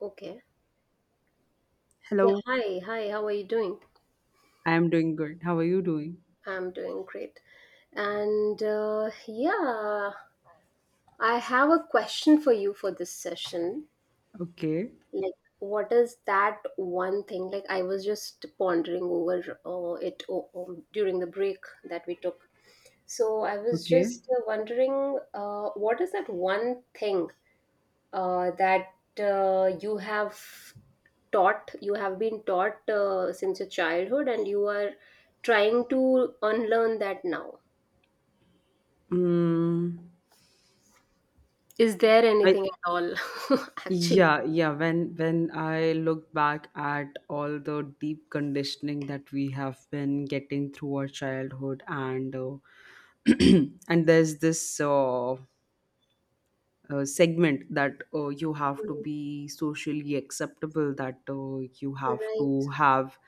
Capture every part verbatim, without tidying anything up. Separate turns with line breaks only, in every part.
Okay. Yeah,
Hello,
hi, hi, how are you doing?
I am doing good. How are you doing?
I'm doing great. And uh, yeah, I have a question for you for this session.
Okay,
Like, what is that one thing? Like, I was just pondering over uh, it o- um, during the break that we took. So, I was
okay.
just uh, wondering, uh, what is that one thing uh, that uh, you have taught you have been taught uh, since your childhood and you are trying to unlearn that now.
Mm,
Is there
I
anything at all actually?
yeah, yeah. When when I look back at all the deep conditioning that we have been getting through our childhood, and uh, and there's this uh, uh, segment that uh, you have to
Right.
be socially acceptable, that uh, you have to have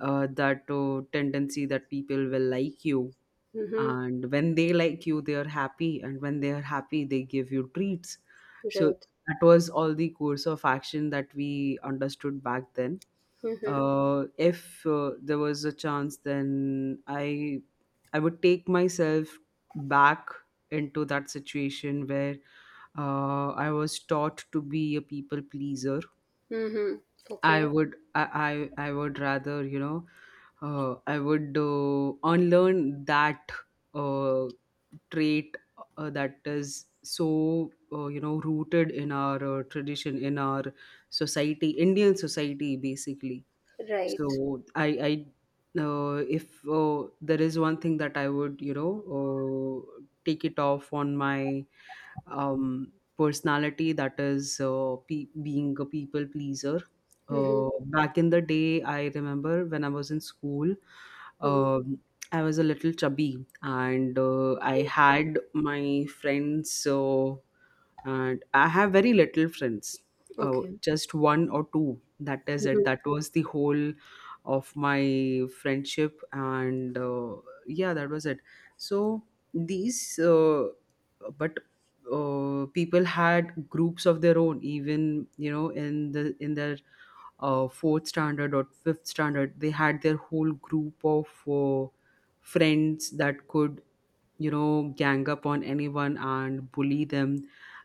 uh, that uh, tendency that people will like you,
Mm-hmm.
and when they like you they are happy, and when they are happy they give you treats. So
Right.
that was all the course of action that we understood back then.
Mm-hmm.
Uh, if uh, there was a chance, then i i would take myself back into that situation where uh, I was taught to be a people pleaser.
Mm-hmm.
I
Okay.
would I I, I would rather, you know, uh, I would uh, unlearn that uh, trait, uh, that is so, uh, you know, rooted in our uh, tradition, in our society, Indian society basically.
Right.
So I I uh, if uh, there is one thing that I would, you know, uh, take it off on my um, personality, that is uh, pe- being a people pleaser.
Mm-hmm.
Uh, back in the day, I remember when I was in school,
Mm-hmm.
um, I was a little chubby, and uh, I had my friends. So, and I have very little friends, uh,
Okay.
just one or two. That is it.
Mm-hmm.
That was the whole of my friendship, and uh, yeah, that was it. So these, uh, but uh, people had groups of their own, even, you know, in the in their uh, fourth standard or fifth standard. They had their whole group of uh, friends that could, you know, gang up on anyone and bully them.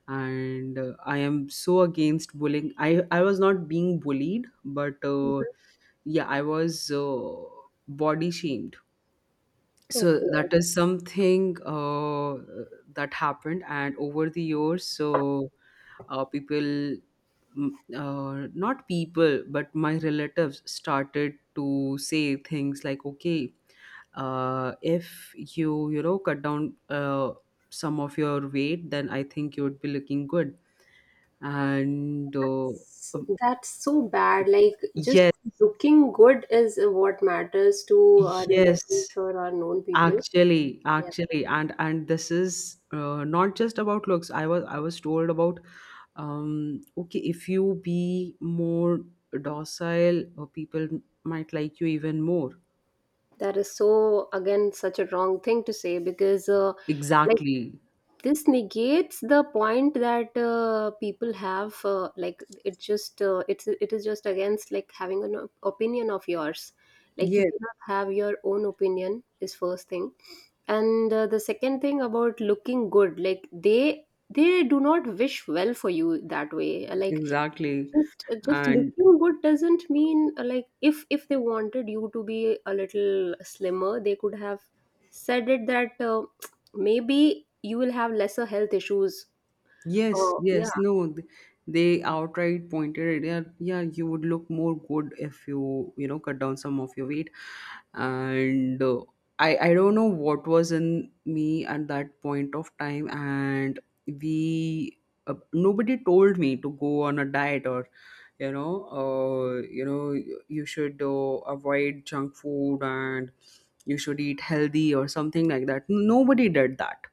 And uh, I am so against bullying. I, I was not being bullied, but uh,
Mm-hmm.
yeah, I was uh, body shamed. So
Okay.
that is something uh, that happened, and over the years, so uh, people mm, uh, not people but my relatives started to say things like, okay, uh, if you, you know, cut down uh, some of your weight, then I think you would be looking good. And uh,
S-
um,
that's so bad, like, just
yes,
looking good is what matters to our relatives
yes.
or our known people.
Actually,
Yeah.
actually, and and this is uh, not just about looks. I was I was told about, um okay, if you be more docile, uh, people might like you even more.
That is so, again, such a wrong thing to say because, uh, like,
Exactly.
this negates the point that uh, people have. Uh, like, it just uh, it's it is just against, like, having an op- opinion of yours. Like, you
Yes,
cannot have your own opinion is first thing, and uh, the second thing about looking good. Like, they they do not wish well for you that way. Like,
exactly.
just uh, just
And
looking good doesn't mean uh, like if if they wanted you to be a little slimmer they could have said it that uh, maybe you will have lesser health issues
yes,
or
yes,
yeah.
no, th- they outright pointed it. Yeah, yeah, you would look more good if you, you know, cut down some of your weight. And uh, I, I don't know what was in me at that point of time. And we, uh, Nobody told me to go on a diet, or, you know, uh, you know, you you should uh, avoid junk food and you should eat healthy or something like that. Nobody did that.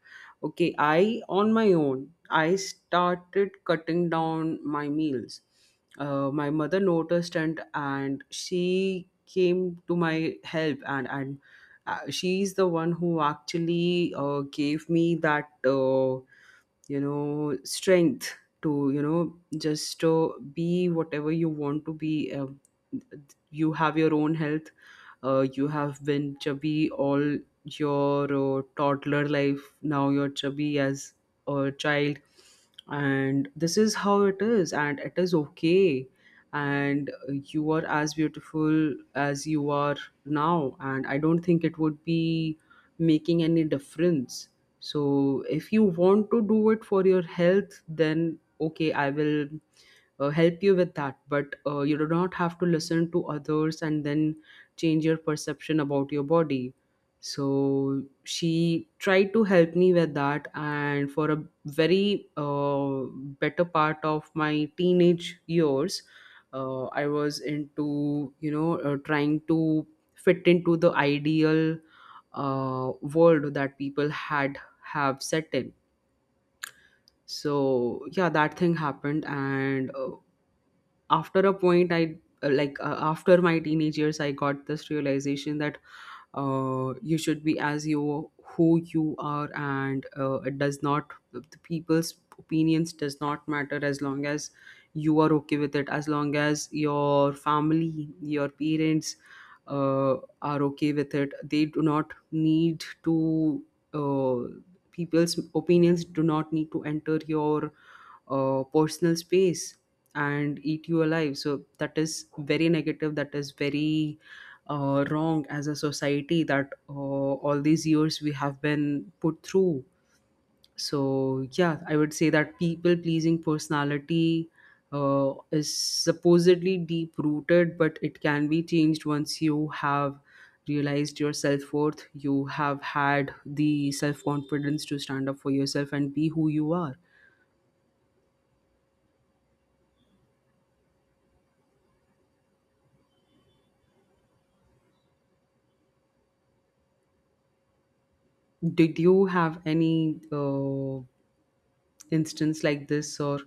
Okay, I, on my own, I started cutting down my meals. Uh, my mother noticed, and and she came to my help, and and uh, she's the one who actually, uh, gave me that, uh, you know, strength to, you know, just to be whatever you want to be. Uh, you have your own health. Uh, you have been chubby all your uh, toddler life. Now you're chubby as a child, and this is how it is, and it is okay. And uh, you are as beautiful as you are now, and I don't think it would be making any difference. So if you want to do it for your health, then okay, I will uh, help you with that, but uh, you do not have to listen to others and then change your perception about your body. So she tried to help me with that, and for a very, uh, better part of my teenage years, uh, I was into, you know, uh, trying to fit into the ideal uh, world that people had have set in. So yeah, that thing happened. And uh, after a point, I uh, like uh, after my teenage years, I got this realization that uh, you should be as you, who you are. And uh, it does not the people's opinions does not matter, as long as you are okay with it, as long as your family, your parents, uh, are okay with it. They do not need to, uh, people's opinions do not need to enter your uh, personal space and eat you alive. So that is very negative. That is very uh, wrong as a society, that uh, all these years we have been put through. So yeah, I would say that people pleasing personality uh, is supposedly deep rooted, but it can be changed once you have realized your self worth. You have had the self confidence to stand up for yourself and be who you are. Did you have any uh, instance like this, or